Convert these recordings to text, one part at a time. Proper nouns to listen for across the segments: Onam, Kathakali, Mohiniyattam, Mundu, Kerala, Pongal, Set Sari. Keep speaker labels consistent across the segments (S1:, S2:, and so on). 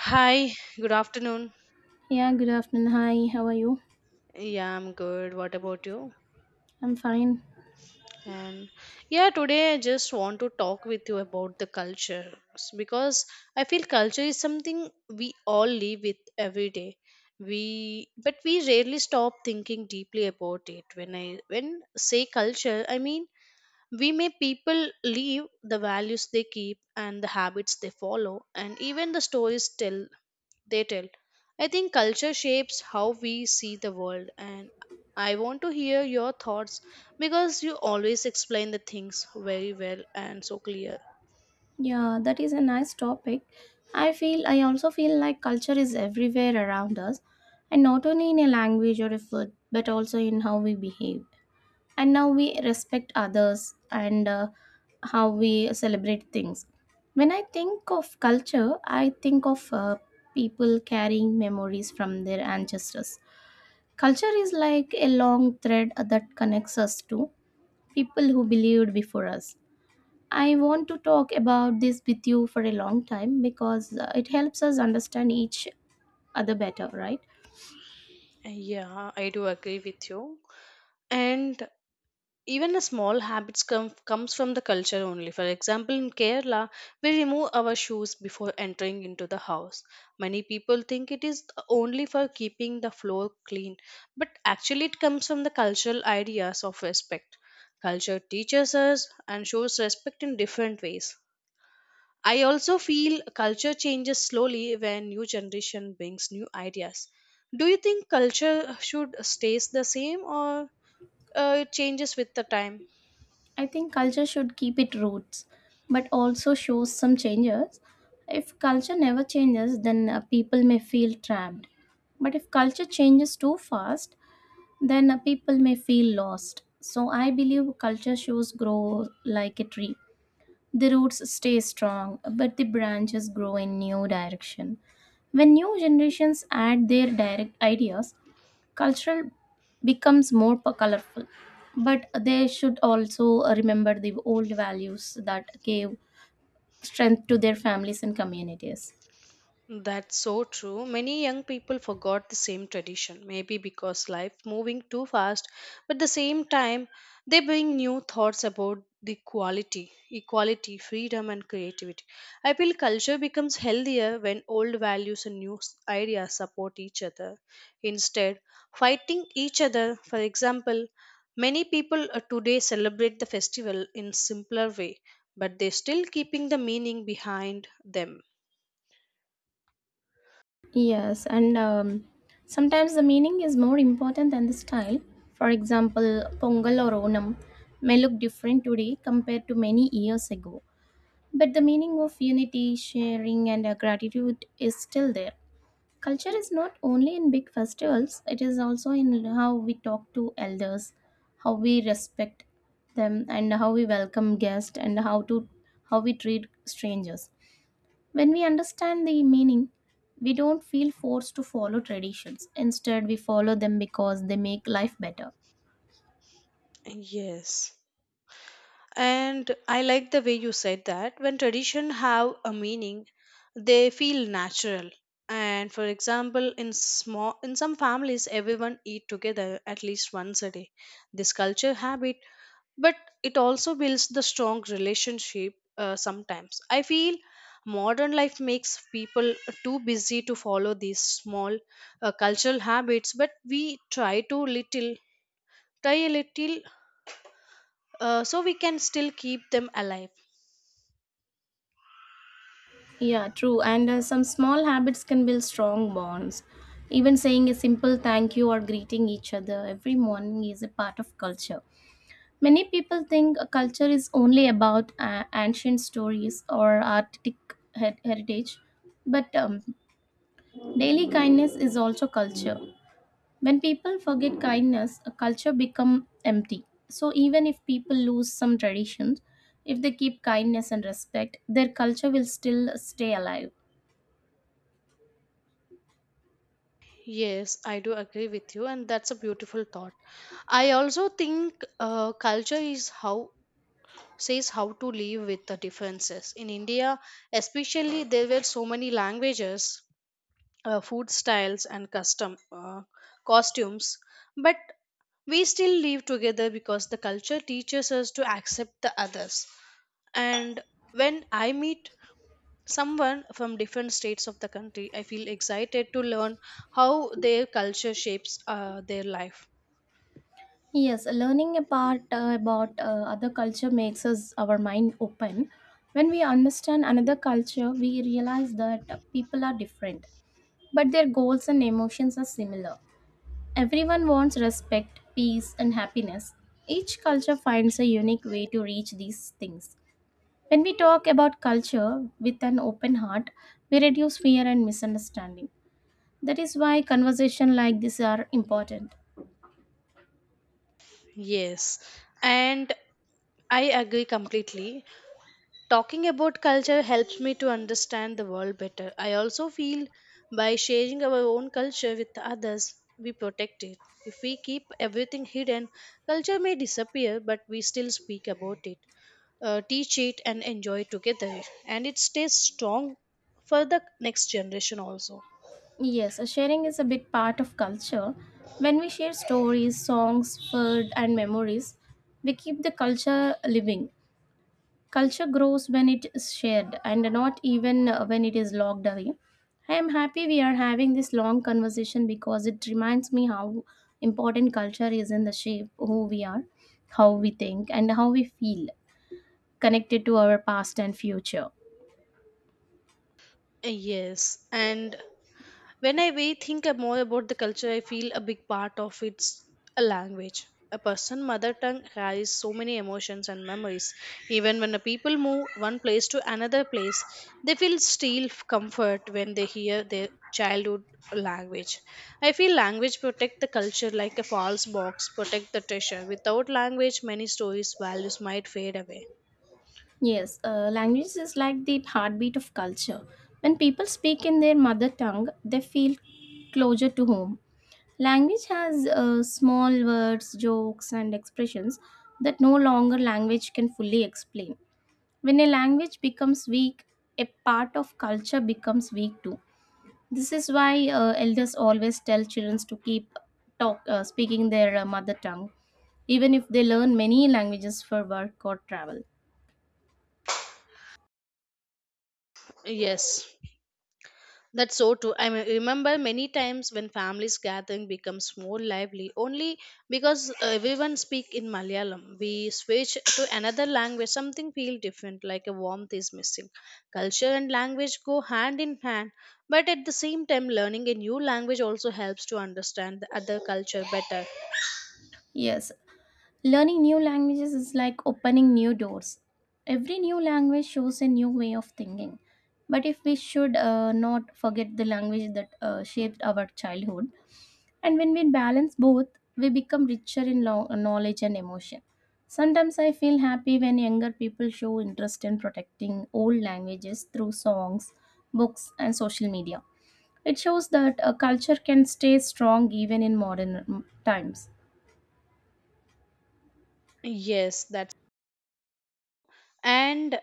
S1: Hi, good afternoon.
S2: Yeah, good afternoon. Hi, how are you?
S1: Yeah, I'm good. What about you?
S2: I'm fine.
S1: And yeah, today I just want to talk with you about the because I feel culture is something we all live with every day. We but we rarely stop thinking deeply about it. When I when say culture, I mean we may people live the values they keep and the habits they follow and even the stories tell. I think culture shapes how we see the world, and I want to hear your thoughts because you always explain the things very well and so clear.
S2: Yeah, that is a nice topic. I also feel like culture is everywhere around us, and not only in a language or a food, but also in how we behave. And now we respect others and how we celebrate things. When I think of culture, I think of people carrying memories from their ancestors. Culture is like a long thread that connects us to people who believed before us. I want to talk about this with you for a long time because it helps us understand each other better, right?
S1: Yeah, I do agree with you. And even a small habits comes from the culture only. For example, in Kerala, we remove our shoes before entering into the house. Many people think it is only for keeping the floor clean, but actually it comes from the cultural ideas of respect. Culture teaches us and shows respect in different ways. I also feel culture changes slowly when new generation brings new ideas. Do you think culture should stays the same or it changes with the time?
S2: I think culture should keep its roots but also shows some changes. If culture never changes, then people may feel trapped. But if culture changes too fast, then people may feel lost. So I believe culture shows grow like a tree. The roots stay strong, but the branches grow in new direction. When new generations add their direct ideas, cultural becomes more colorful. But they should also remember the old values that gave strength to their families and communities.
S1: That's so true. Many young people forgot the same tradition, maybe because life moving too fast, but at the same time they bring new thoughts about the quality, equality, freedom and creativity. I feel culture becomes healthier when old values and ideas support each other instead fighting each other. For example, many people today celebrate the festival in simpler way, but they still keeping the meaning behind them.
S2: Yes, and sometimes the meaning is more important than the style. For example, Pongal or Onam may look different today compared to many years ago. But the meaning of unity, sharing, and gratitude is still there. Culture is not only in big festivals, it is also in how we talk to elders, how we respect them, and how we welcome guests, and how we treat strangers. When we understand the meaning, we don't feel forced to follow traditions. Instead, we follow them because they make life better.
S1: Yes. And I like the way you said that when tradition have a meaning they feel natural. And for example in some families everyone eat together at least once a day. This culture habit, but it also builds the strong relationship. Sometimes I feel modern life makes people too busy to follow these small cultural habits, but we try a little, so we can still keep them alive.
S2: Yeah, true. And some small habits can build strong bonds. Even saying a simple thank you or greeting each other every morning is a part of culture. Many people think a culture is only about ancient stories or artistic heritage, but daily kindness is also culture. When people forget kindness, a culture becomes empty. So even if people lose some traditions, if they keep kindness and respect, their culture will still stay alive.
S1: Yes, I do agree with you, and that's a beautiful thought. I also think culture is how to live with the differences. In India, especially, there were so many languages, food styles, and custom costumes, but we still live together because the culture teaches us to accept the others. And when I meet someone from different states of the country, I feel excited to learn how their culture shapes their life.
S2: Yes, learning apart about other culture makes us our mind open. When we understand another culture, we realize that people are different, but their goals and emotions are similar. Everyone wants respect, peace, and happiness. Each culture finds a unique way to reach these things. When we talk about culture with an open heart, we reduce fear and misunderstanding. That is why conversations like this are important.
S1: Yes, and I agree completely. Talking about culture helps me to understand the world better. I also feel by sharing our own culture with others we protect it. If we keep everything hidden, culture may disappear, but we still speak about it, teach it and enjoy together, and it stays strong for the next generation also.
S2: Yes, sharing is a big part of culture. When we share stories, songs, food, and memories, we keep the culture living. Culture grows when it is shared and not even when it is locked away. I am happy we are having this long conversation because it reminds me how important culture is in the shape who we are, how we think, and how we feel connected to our past and future.
S1: Yes. And when I more about the culture, I feel a big part of it's a language. A person's mother tongue carries so many emotions and memories. Even when the people move one place to another place, they feel still comfort when they hear their childhood language. I feel language protect the culture like a false box protect the treasure. Without language, many stories values might fade away.
S2: Yes, language is like the heartbeat of culture. When people speak in their mother tongue, they feel closer to home. Language has small words, jokes, and expressions that no longer language can fully explain. When a language becomes weak, a part of culture becomes weak too. This is why elders always tell children to keep talk speaking their mother tongue even if they learn many languages for work or travel.
S1: Yes. That's so true. I mean, remember many times when families gathering becomes more lively only because everyone speak in Malayalam. We switch to another language, something feel different, like a warmth is missing. Culture and language go hand in hand, but at the same time, learning a new language also helps to understand the other culture better.
S2: Yes, learning new languages is like opening new doors. Every new language shows a new way of thinking. But if we should not forget the language that shaped our childhood, and when we balance both, we become richer in knowledge and emotion. Sometimes I feel happy when younger people show interest in protecting old languages through songs, books, and social media. It shows that a culture can stay strong even in modern times.
S1: Yes, that's and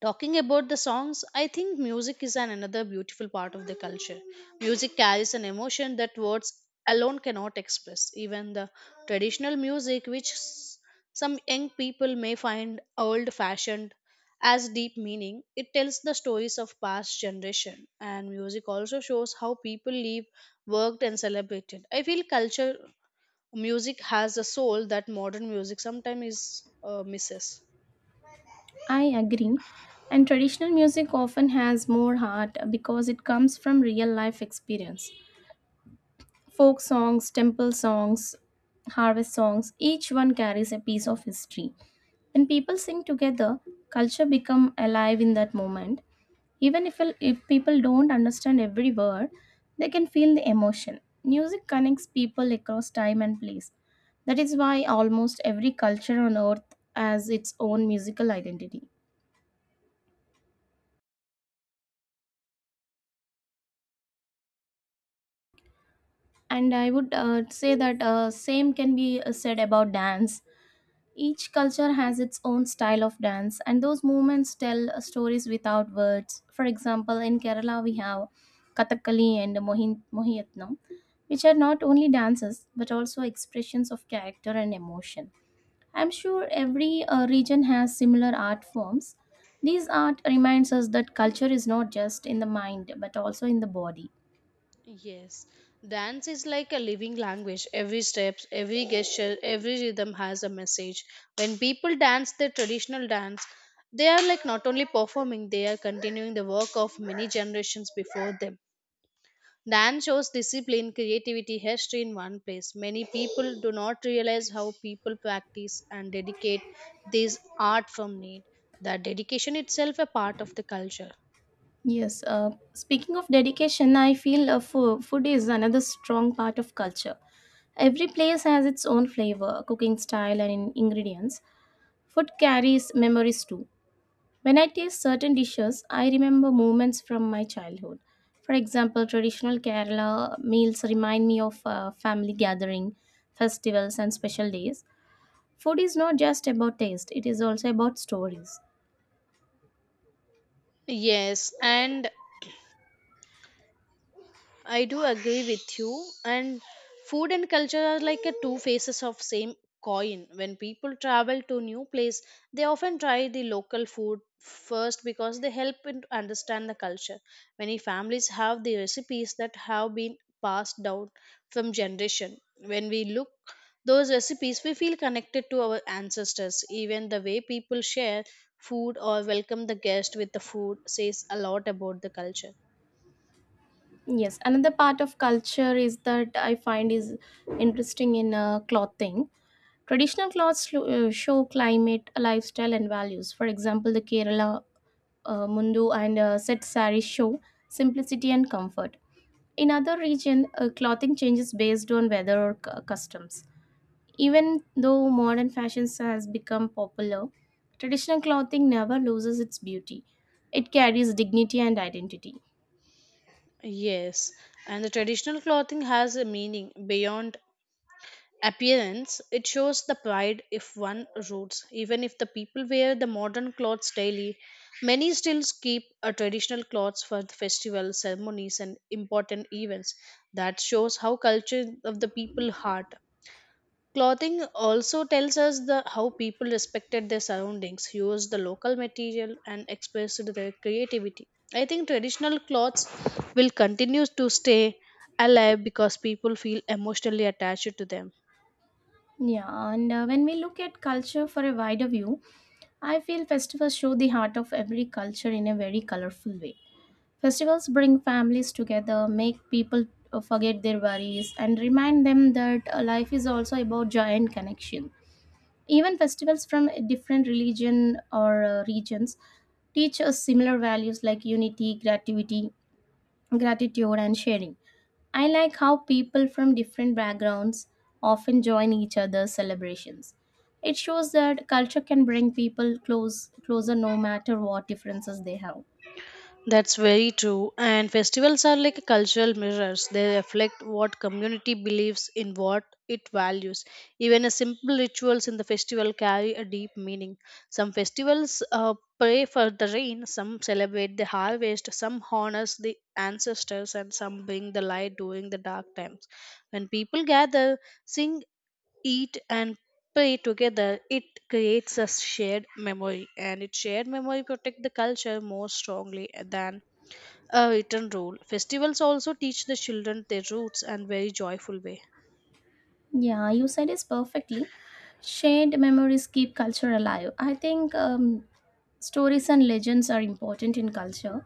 S1: talking about the songs, I think music is an another beautiful part of the culture. Music carries an emotion that words alone cannot express. Even the traditional music, some young people may find old fashioned as deep meaning, it tells the stories of past generation. And music also shows how people live, worked, and celebrated. I feel culture music has a soul that modern music sometimes is misses.
S2: I agree. And traditional music often has more heart because it comes from real life experience. Folk songs, temple songs, harvest songs, each one carries a piece of history. When people sing together, culture become alive in that moment. Even if people don't understand every word, they can feel the emotion. Music connects people across time and place. That is why almost every culture on earth has its own musical identity. And I would say that same can be said about dance. Each culture has its own style of dance, and those movements tell stories without words. For example, in Kerala we have kathakali and mohiniyattam, which are not only dances but also expressions of character and emotion. I'm sure every region has similar art forms. These art reminds us that culture is not just in the mind but also in the body.
S1: Yes, dance is like a living language. Every step, every gesture, every rhythm has a message. When people dance their traditional dance, they are like not only performing, they are continuing the work of many generations before them. Dance shows discipline, creativity, history in one place. Many people do not realize how people practice and dedicate this art from need. That dedication itself a part of the culture.
S2: Yes, speaking of dedication, I feel food is another strong part of culture. Every place has its own flavor, cooking style, and ingredients. Food carries memories too. When I taste certain dishes, I remember moments from my childhood. For example, traditional Kerala meals remind me of family gathering, festivals, and special days. Food is not just about taste, it is also about stories.
S1: Yes, and I do agree with you. And food and culture are like a two faces of same coin. When people travel to new place, they often try the local food first because they help in to understand the culture. Many families have the recipes that have been passed down from generation. When we look those recipes, we feel connected to our ancestors. Even the way people share food or welcome the guest with the food says a lot about the culture.
S2: Yes, another part of culture is that I find is interesting in clothing. Traditional clothes show climate, lifestyle, and values. For example, the Kerala Mundu and Set Sari show simplicity and comfort. In other region, clothing changes based on weather or customs. Even though modern fashions has become popular, traditional clothing never loses its beauty. It carries dignity and identity.
S1: Yes, and the traditional clothing has a meaning beyond appearance. It shows the pride if one roots. Even if the people wear the modern clothes daily, many still keep a traditional clothes for the festival ceremonies and important events. That shows how culture of the people heart. Clothing also tells us the how people respected their surroundings, used the local material, and expressed their creativity. I think traditional clothes will continue to stay alive because people feel emotionally attached to them.
S2: Yeah, and when we look at culture for a wider view, I feel festivals show the heart of every culture in a very colorful way. Festivals bring families together, make people forget their worries, and remind them that life is also about joy and connection. Even festivals from different religion or regions teach us similar values like unity, creativity, gratitude and sharing. I like how people from different backgrounds often join each other's celebrations. It shows that culture can bring people closer no matter what differences they have.
S1: That's very true. And festivals are like cultural mirrors. They reflect what community believes in what it values. Even a simple rituals in the festival carry a deep meaning. Some festivals pray for the rain, some celebrate the harvest, some honors the ancestors, and some bring the light during the dark times. When people gather, sing, eat, and pray together, it creates a shared memory, and its shared memory protect the culture more strongly than a written rule. Festivals also teach the children their roots and very joyful way.
S2: Yeah, you said this perfectly. Shared memories keep culture alive. I think stories and legends are important in culture.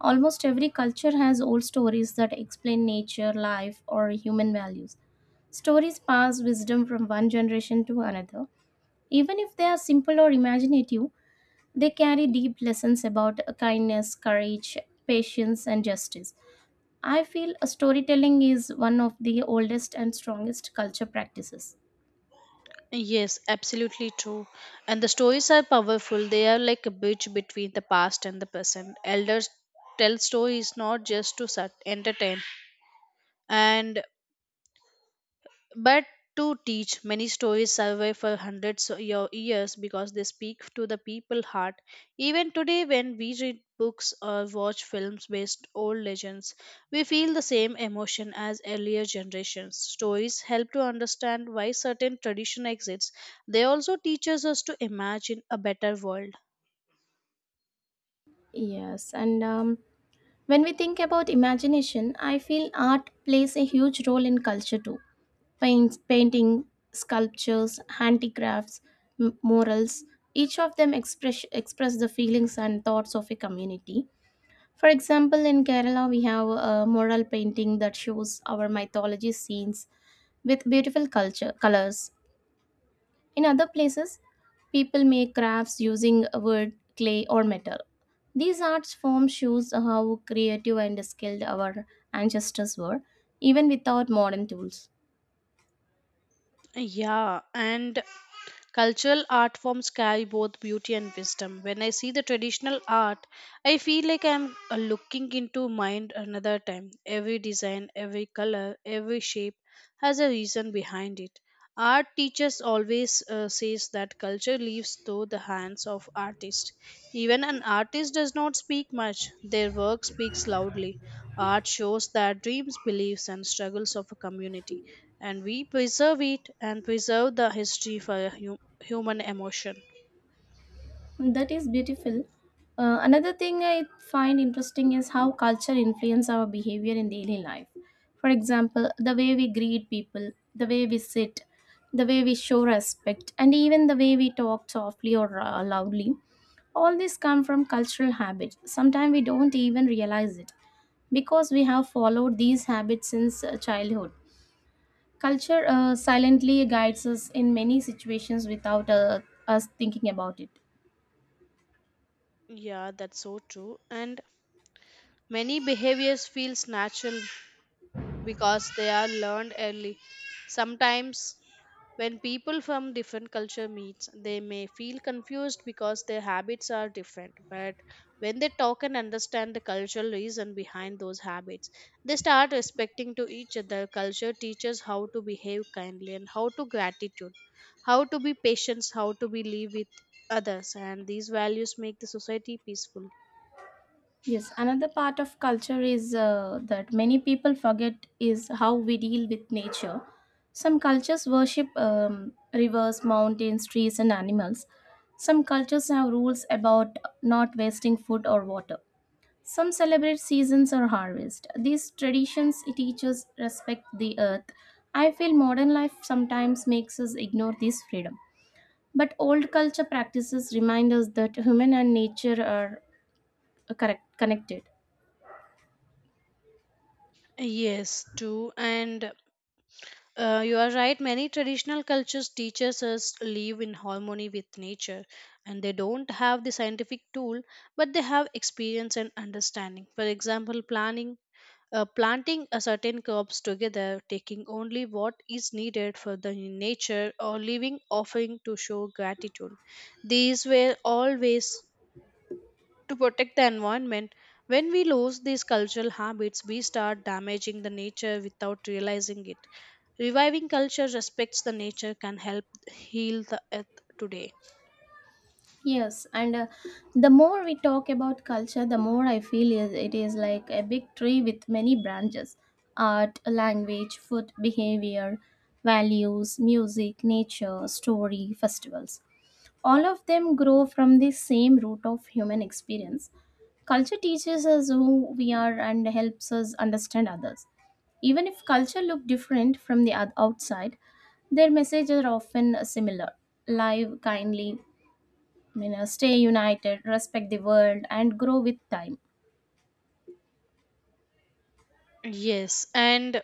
S2: Almost every culture has old stories that explain nature, life, or human values. Stories pass wisdom from one generation to another. Even if they are simple or imaginative, they carry deep lessons about kindness, courage, patience, and justice. I feel storytelling is one of the oldest and strongest culture practices.
S1: Yes, absolutely true. And the stories are powerful. They are like a bridge between the past and the present. Elders tell stories not just to entertain, and but to teach. Many stories survive for hundreds of years because they speak to the people heart. Even today when we read books or watch films based old legends, we feel the same emotion as earlier generations. Stories help to understand why certain tradition exists. They also teaches us to imagine a better world.
S2: Yes, and when we think about imagination, I feel art plays a huge role in culture too. Paints, painting, sculptures, handicrafts, murals, each of them express the feelings and thoughts of a community. For example, in Kerala, we have a mural painting that shows our mythology scenes with beautiful culture colors. In other places, people make crafts using wood, clay, or metal. These arts forms shows how creative and skilled our ancestors were, even without modern tools.
S1: Yeah, and cultural art forms carry both beauty and wisdom. When I see the traditional art, I feel like I'm looking into mind another time. Every design, every color, every shape has a reason behind it. Art teachers always says that culture lives through the hands of artists. Even an artist does not speak much; their work speaks loudly. Art shows the dreams, beliefs, and struggles of a community, and we preserve it and preserve the history for a human emotion.
S2: That is beautiful. Another thing I find interesting is how culture influence our behavior in daily life. For example, the way we greet people, the way we sit, the way we show respect, and even the way we talk softly or loudly. All these come from cultural habits. Sometimes we don't even realize it because we have followed these habits since childhood. Culture silently guides us in many situations without us thinking about it.
S1: Yeah, that's so true. And many behaviors feels natural because they are learned early. Sometimes when people from different culture meets, they may feel confused because their habits are different, but when they talk and understand the cultural reason behind those habits, they start respecting to each other. Culture teaches how to behave kindly and how to gratitude, how to be patient, how to be live with others, and these values make the society peaceful.
S2: Yes, another part of culture is that many people forget is how we deal with nature. Some cultures worship rivers, mountains, trees, and animals. Some cultures have rules about not wasting food or water. Some celebrate seasons or harvest. These traditions teach us respect the earth. I feel modern life sometimes makes us ignore this freedom. But old culture practices remind us that human and nature are connected.
S1: Yes, true. And you are right. Many traditional cultures teaches us live in harmony with nature, and they don't have the scientific tool, but they have experience and understanding. For example, planting a certain crops together, taking only what is needed for the nature, or leaving offering to show gratitude. These were all ways to protect the environment. When we lose these cultural habits, we start damaging the nature without realizing it. Reviving culture respects the nature can help heal the earth today.
S2: Yes, and the more we talk about culture, the more I feel it is like a big tree with many branches: art, language, food, behavior, values, music, nature, story, festivals. All of them grow from the same root of human experience. Culture teaches us who we are and helps us understand others. Even if culture look different from the outside, their messages are often similar: live, kindly, you know, stay united, respect the world, and grow with time.
S1: Yes, and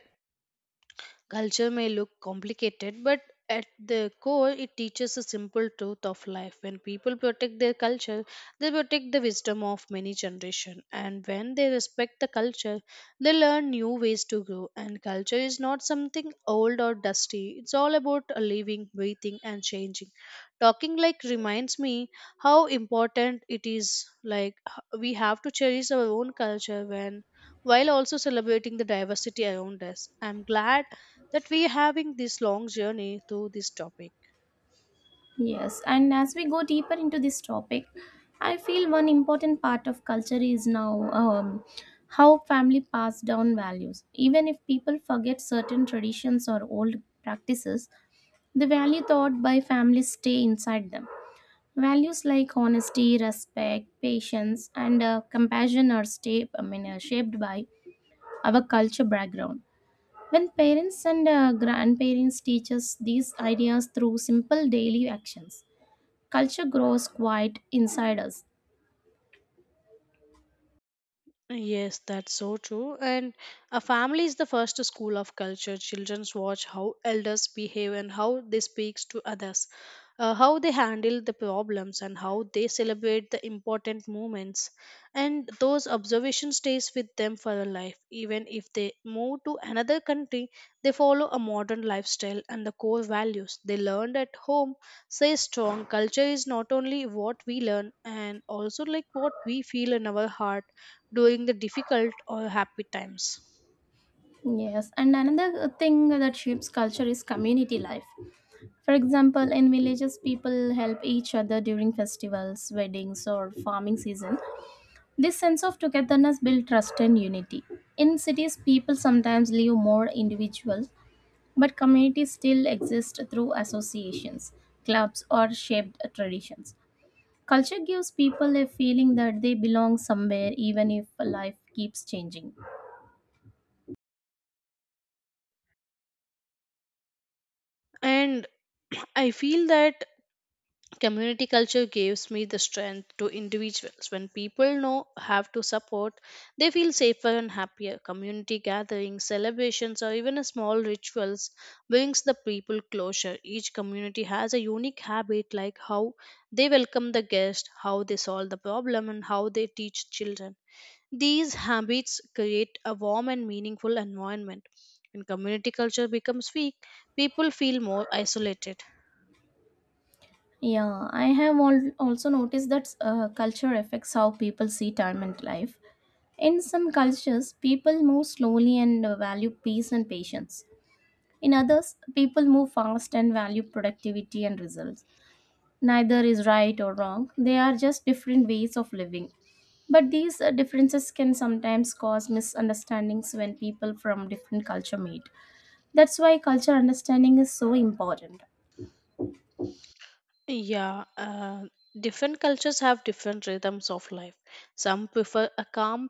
S1: culture may look complicated, but at the core, it teaches a simple truth of life. When people protect their culture, they protect the wisdom of many generations. And when they respect the culture, they learn new ways to grow. And culture is not something old or dusty, it's all about a living, breathing, and changing. Talking like reminds me how important it is, like, we have to cherish our own culture when while also celebrating the diversity around us. I'm glad that we having this long journey to this topic.
S2: Yes, and as we go deeper into this topic, I feel one important part of culture is now how family pass down values. Even if people forget certain traditions or old practices, the value taught by family stay inside them. Values like honesty, respect, patience, and compassion are shaped by our culture background. When parents and grandparents teach us these ideas through simple daily actions, culture grows quite inside us.
S1: Yes, that's so true. And a family is the first school of culture. Children watch how elders behave and how they speak to others, how they handle the problems, and how they celebrate the important moments. And those observation stays with them for their life. Even if they move to another country, they follow a modern lifestyle and the core values they learned at home say strong. Culture is not only what we learn and also like what we feel in our heart during the difficult or happy times.
S2: Yes, and another thing that shapes culture is community life. For example, in villages, people help each other during festivals, weddings, or farming season. This sense of togetherness builds trust and unity. In cities, people sometimes live more individual, but communities still exist through associations, clubs, or shaped traditions. Culture gives people a feeling that they belong somewhere, even if life keeps changing.
S1: And I feel that community culture gives me the strength to individuals. When people know have to support, they feel safer and happier. Community gatherings, celebrations, or even a small rituals brings the people closer. Each community has a unique habit, like how they welcome the guest, how they solve the problem, and how they teach children. These habits create a warm and meaningful environment. When community culture becomes weak, people feel more isolated.
S2: Yeah, I have also noticed that culture affects how people see time and life. In some cultures, people move slowly and value peace and patience. In others, people move fast and value productivity and results. Neither is right or wrong, they are just different ways of living. But these differences can sometimes cause misunderstandings when people from different culture meet. That's why culture understanding is so important.
S1: Yeah, different cultures have different rhythms of life. Some prefer a calm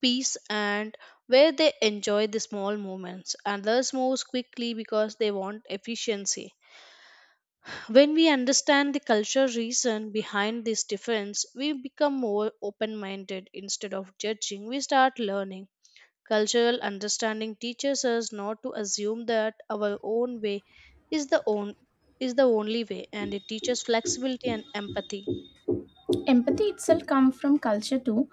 S1: peace and where they enjoy the small moments. Others move quickly because they want efficiency. When we understand the cultural reason behind this difference, we become more open minded. Instead of judging, we start learning. Cultural understanding teaches us not to assume that our own way is the own is the only way and it teaches flexibility and empathy.
S2: Empathy itself comes from culture too.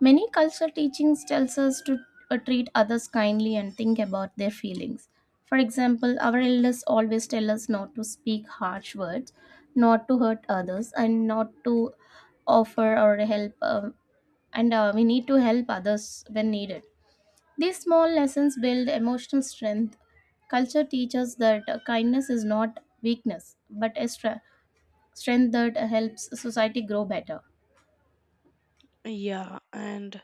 S2: Many culture teachings tells us to treat others kindly and think about their feelings. For example, our elders always tell us not to speak harsh words, not to hurt others, and not to offer or help and we need to help others when needed. These small lessons build emotional strength. Culture teaches that kindness is not weakness but a strength that helps society grow better.
S1: Yeah, and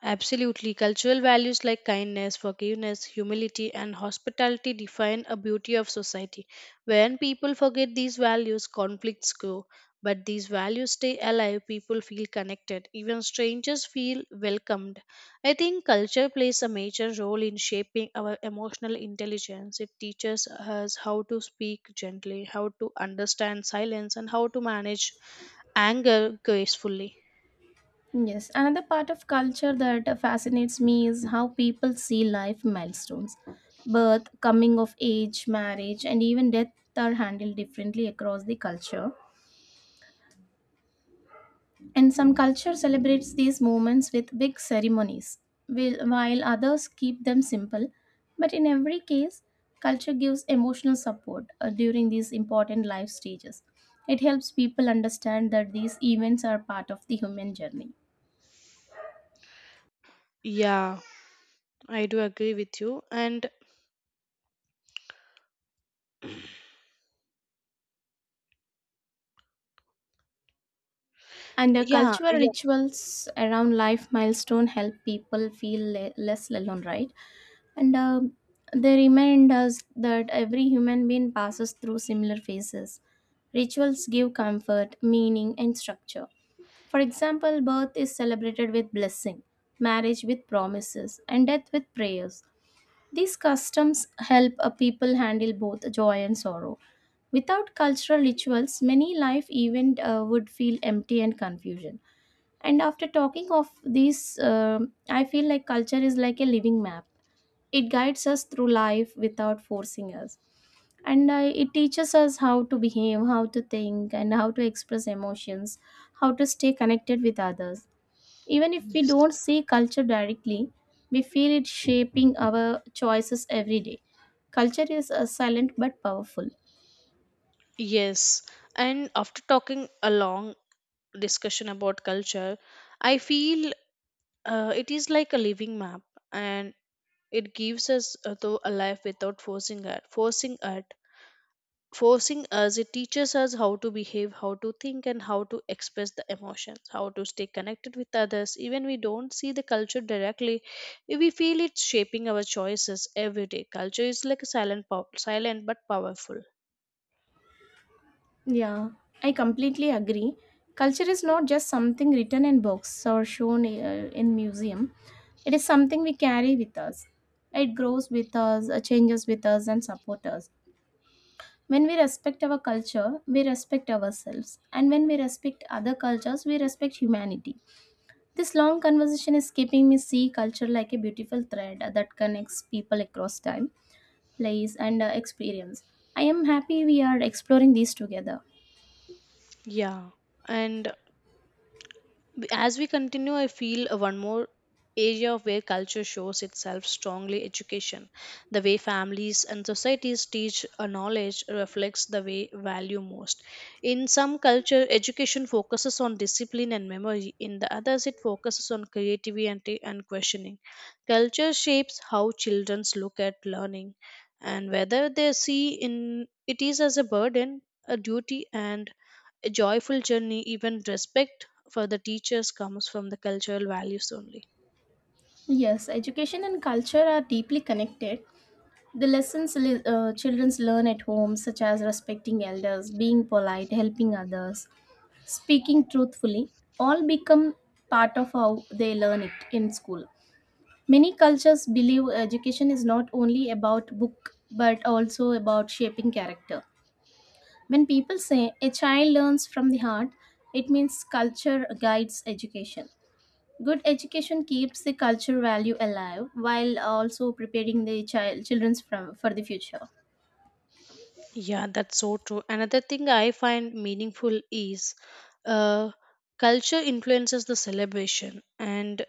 S1: absolutely. Cultural values like kindness, forgiveness, humility, and hospitality define a beauty of society. When people forget these values, conflicts grow. But these values stay alive, people feel connected, even strangers feel welcomed. I think culture plays a major role in shaping our emotional intelligence. It teaches us how to speak gently, how to understand silence, and how to manage anger gracefully.
S2: Yes, another part of culture that fascinates me is how people see life milestones. Birth, coming of age, marriage, and even death are handled differently across the culture. And some culture celebrates these moments with big ceremonies, while others keep them simple. But in every case, culture gives emotional support during these important life stages. It helps people understand that these events are part of the human journey.
S1: Yeah. I do agree with you. And
S2: And
S1: yeah,
S2: cultural
S1: yeah,
S2: rituals around life milestone help people feel less alone, right? And they remind us that every human being passes through similar phases. Rituals give comfort, meaning, and structure. For example, birth is celebrated with blessing, marriage with promises, and death with prayers. These customs help a people handle both joy and sorrow. Without cultural rituals, many life event would feel empty and confusion. And after talking of these, um I feel like culture is like a living map, it guides us through life without forcing us, and it teaches us how to behave, how to think, and how to express emotions, how to stay connected with others, even if we
S1: yes.
S2: don't see culture directly, we feel it shaping our choices every day. Culture is silent but powerful.
S1: Yes. And after talking a long discussion about culture, I feel it is like a living map and it gives us though a life without forcing us, it teaches us how to behave, how to think, and how to express the emotions, how to stay connected with others, even we don't see the culture directly. We feel it's shaping our choices every day. Culture is like a silent but powerful.
S2: Yeah, I completely agree. Culture is not just something written in books or shown in museum. It is something we carry with us. It grows with us, changes with us, and supports us. When we respect our culture, we respect ourselves. And when we respect other cultures, we respect humanity. This long conversation is keeping me see culture like a beautiful thread that connects people across time, place, and experience. I am happy we are exploring these together.
S1: Yeah. And as we continue, I feel one more area of where culture shows itself strongly, education. The way families and societies teach a knowledge reflects the way value most. In some culture, education focuses on discipline and memory. In the others, it focuses on creativity and questioning. Culture shapes how children look at learning and whether they see in it is as a burden, a duty, and a joyful journey. Even respect for the teachers comes from the cultural values only.
S2: Yes, education and culture are deeply connected. The lessons children learn at home, such as respecting elders, being polite, helping others, speaking truthfully, all become part of how they learn it in school. Many cultures believe education is not only about book but also about shaping character. When people say a child learns from the heart, it means culture guides education. Good education keeps the culture value alive while also preparing the children's from for the future.
S1: Yeah, that's so true. Another thing I find meaningful is uh, culture influences the celebration and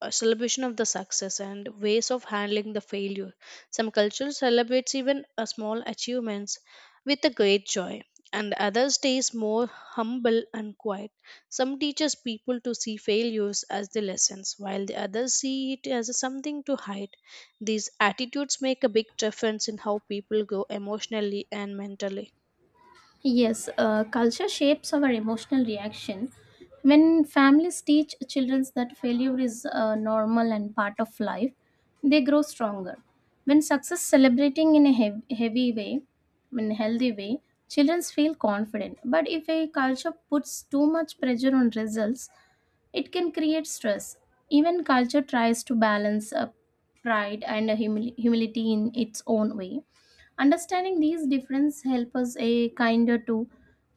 S1: a celebration of the success and ways of handling the failure. Some cultures celebrates even a small achievements with a great joy, and others stays more humble and quiet. Some teaches people to see failures as the lessons, while the others see it as something to hide. These attitudes make a big difference in how people grow emotionally and mentally.
S2: Yes, culture shapes our emotional reaction. When families teach children that failure is normal and part of life, they grow stronger. When success celebrating in a heavy way, in a healthy way, children feel confident. But if a culture puts too much pressure on results, it can create stress. Even culture tries to balance pride and humility in its own way. Understanding these differences help us a kinder to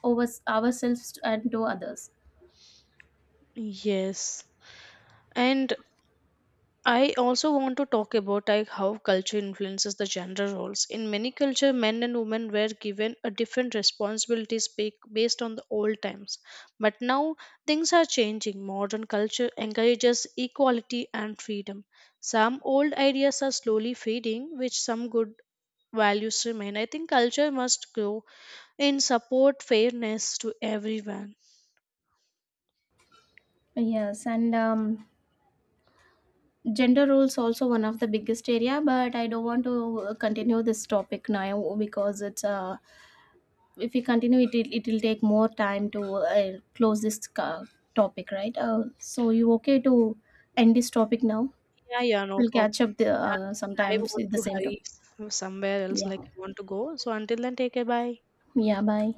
S2: over ourselves and to others.
S1: Yes. And I also want to talk about like how culture influences the gender roles. In many culture, men and women were given a different responsibilities based on the old times. But now things are changing. Modern culture encourages equality and freedom. Some old ideas are slowly fading, which some good values remain. I think culture must grow in support fairness to everyone.
S2: Yes, and gender roles also one of the biggest area. But I don't want to continue this topic now because it's if we continue it, it'll take more time to close this topic, right? So you okay to end this topic now?
S1: Yeah, yeah, no
S2: We'll
S1: problem.
S2: catch up the,
S1: Yeah, I
S2: sometimes
S1: want
S2: with the
S1: to
S2: same
S1: hurry
S2: topic.
S1: somewhere else,
S2: Yeah.
S1: like I want to go. So until then, take care. Bye.
S2: Yeah. Bye.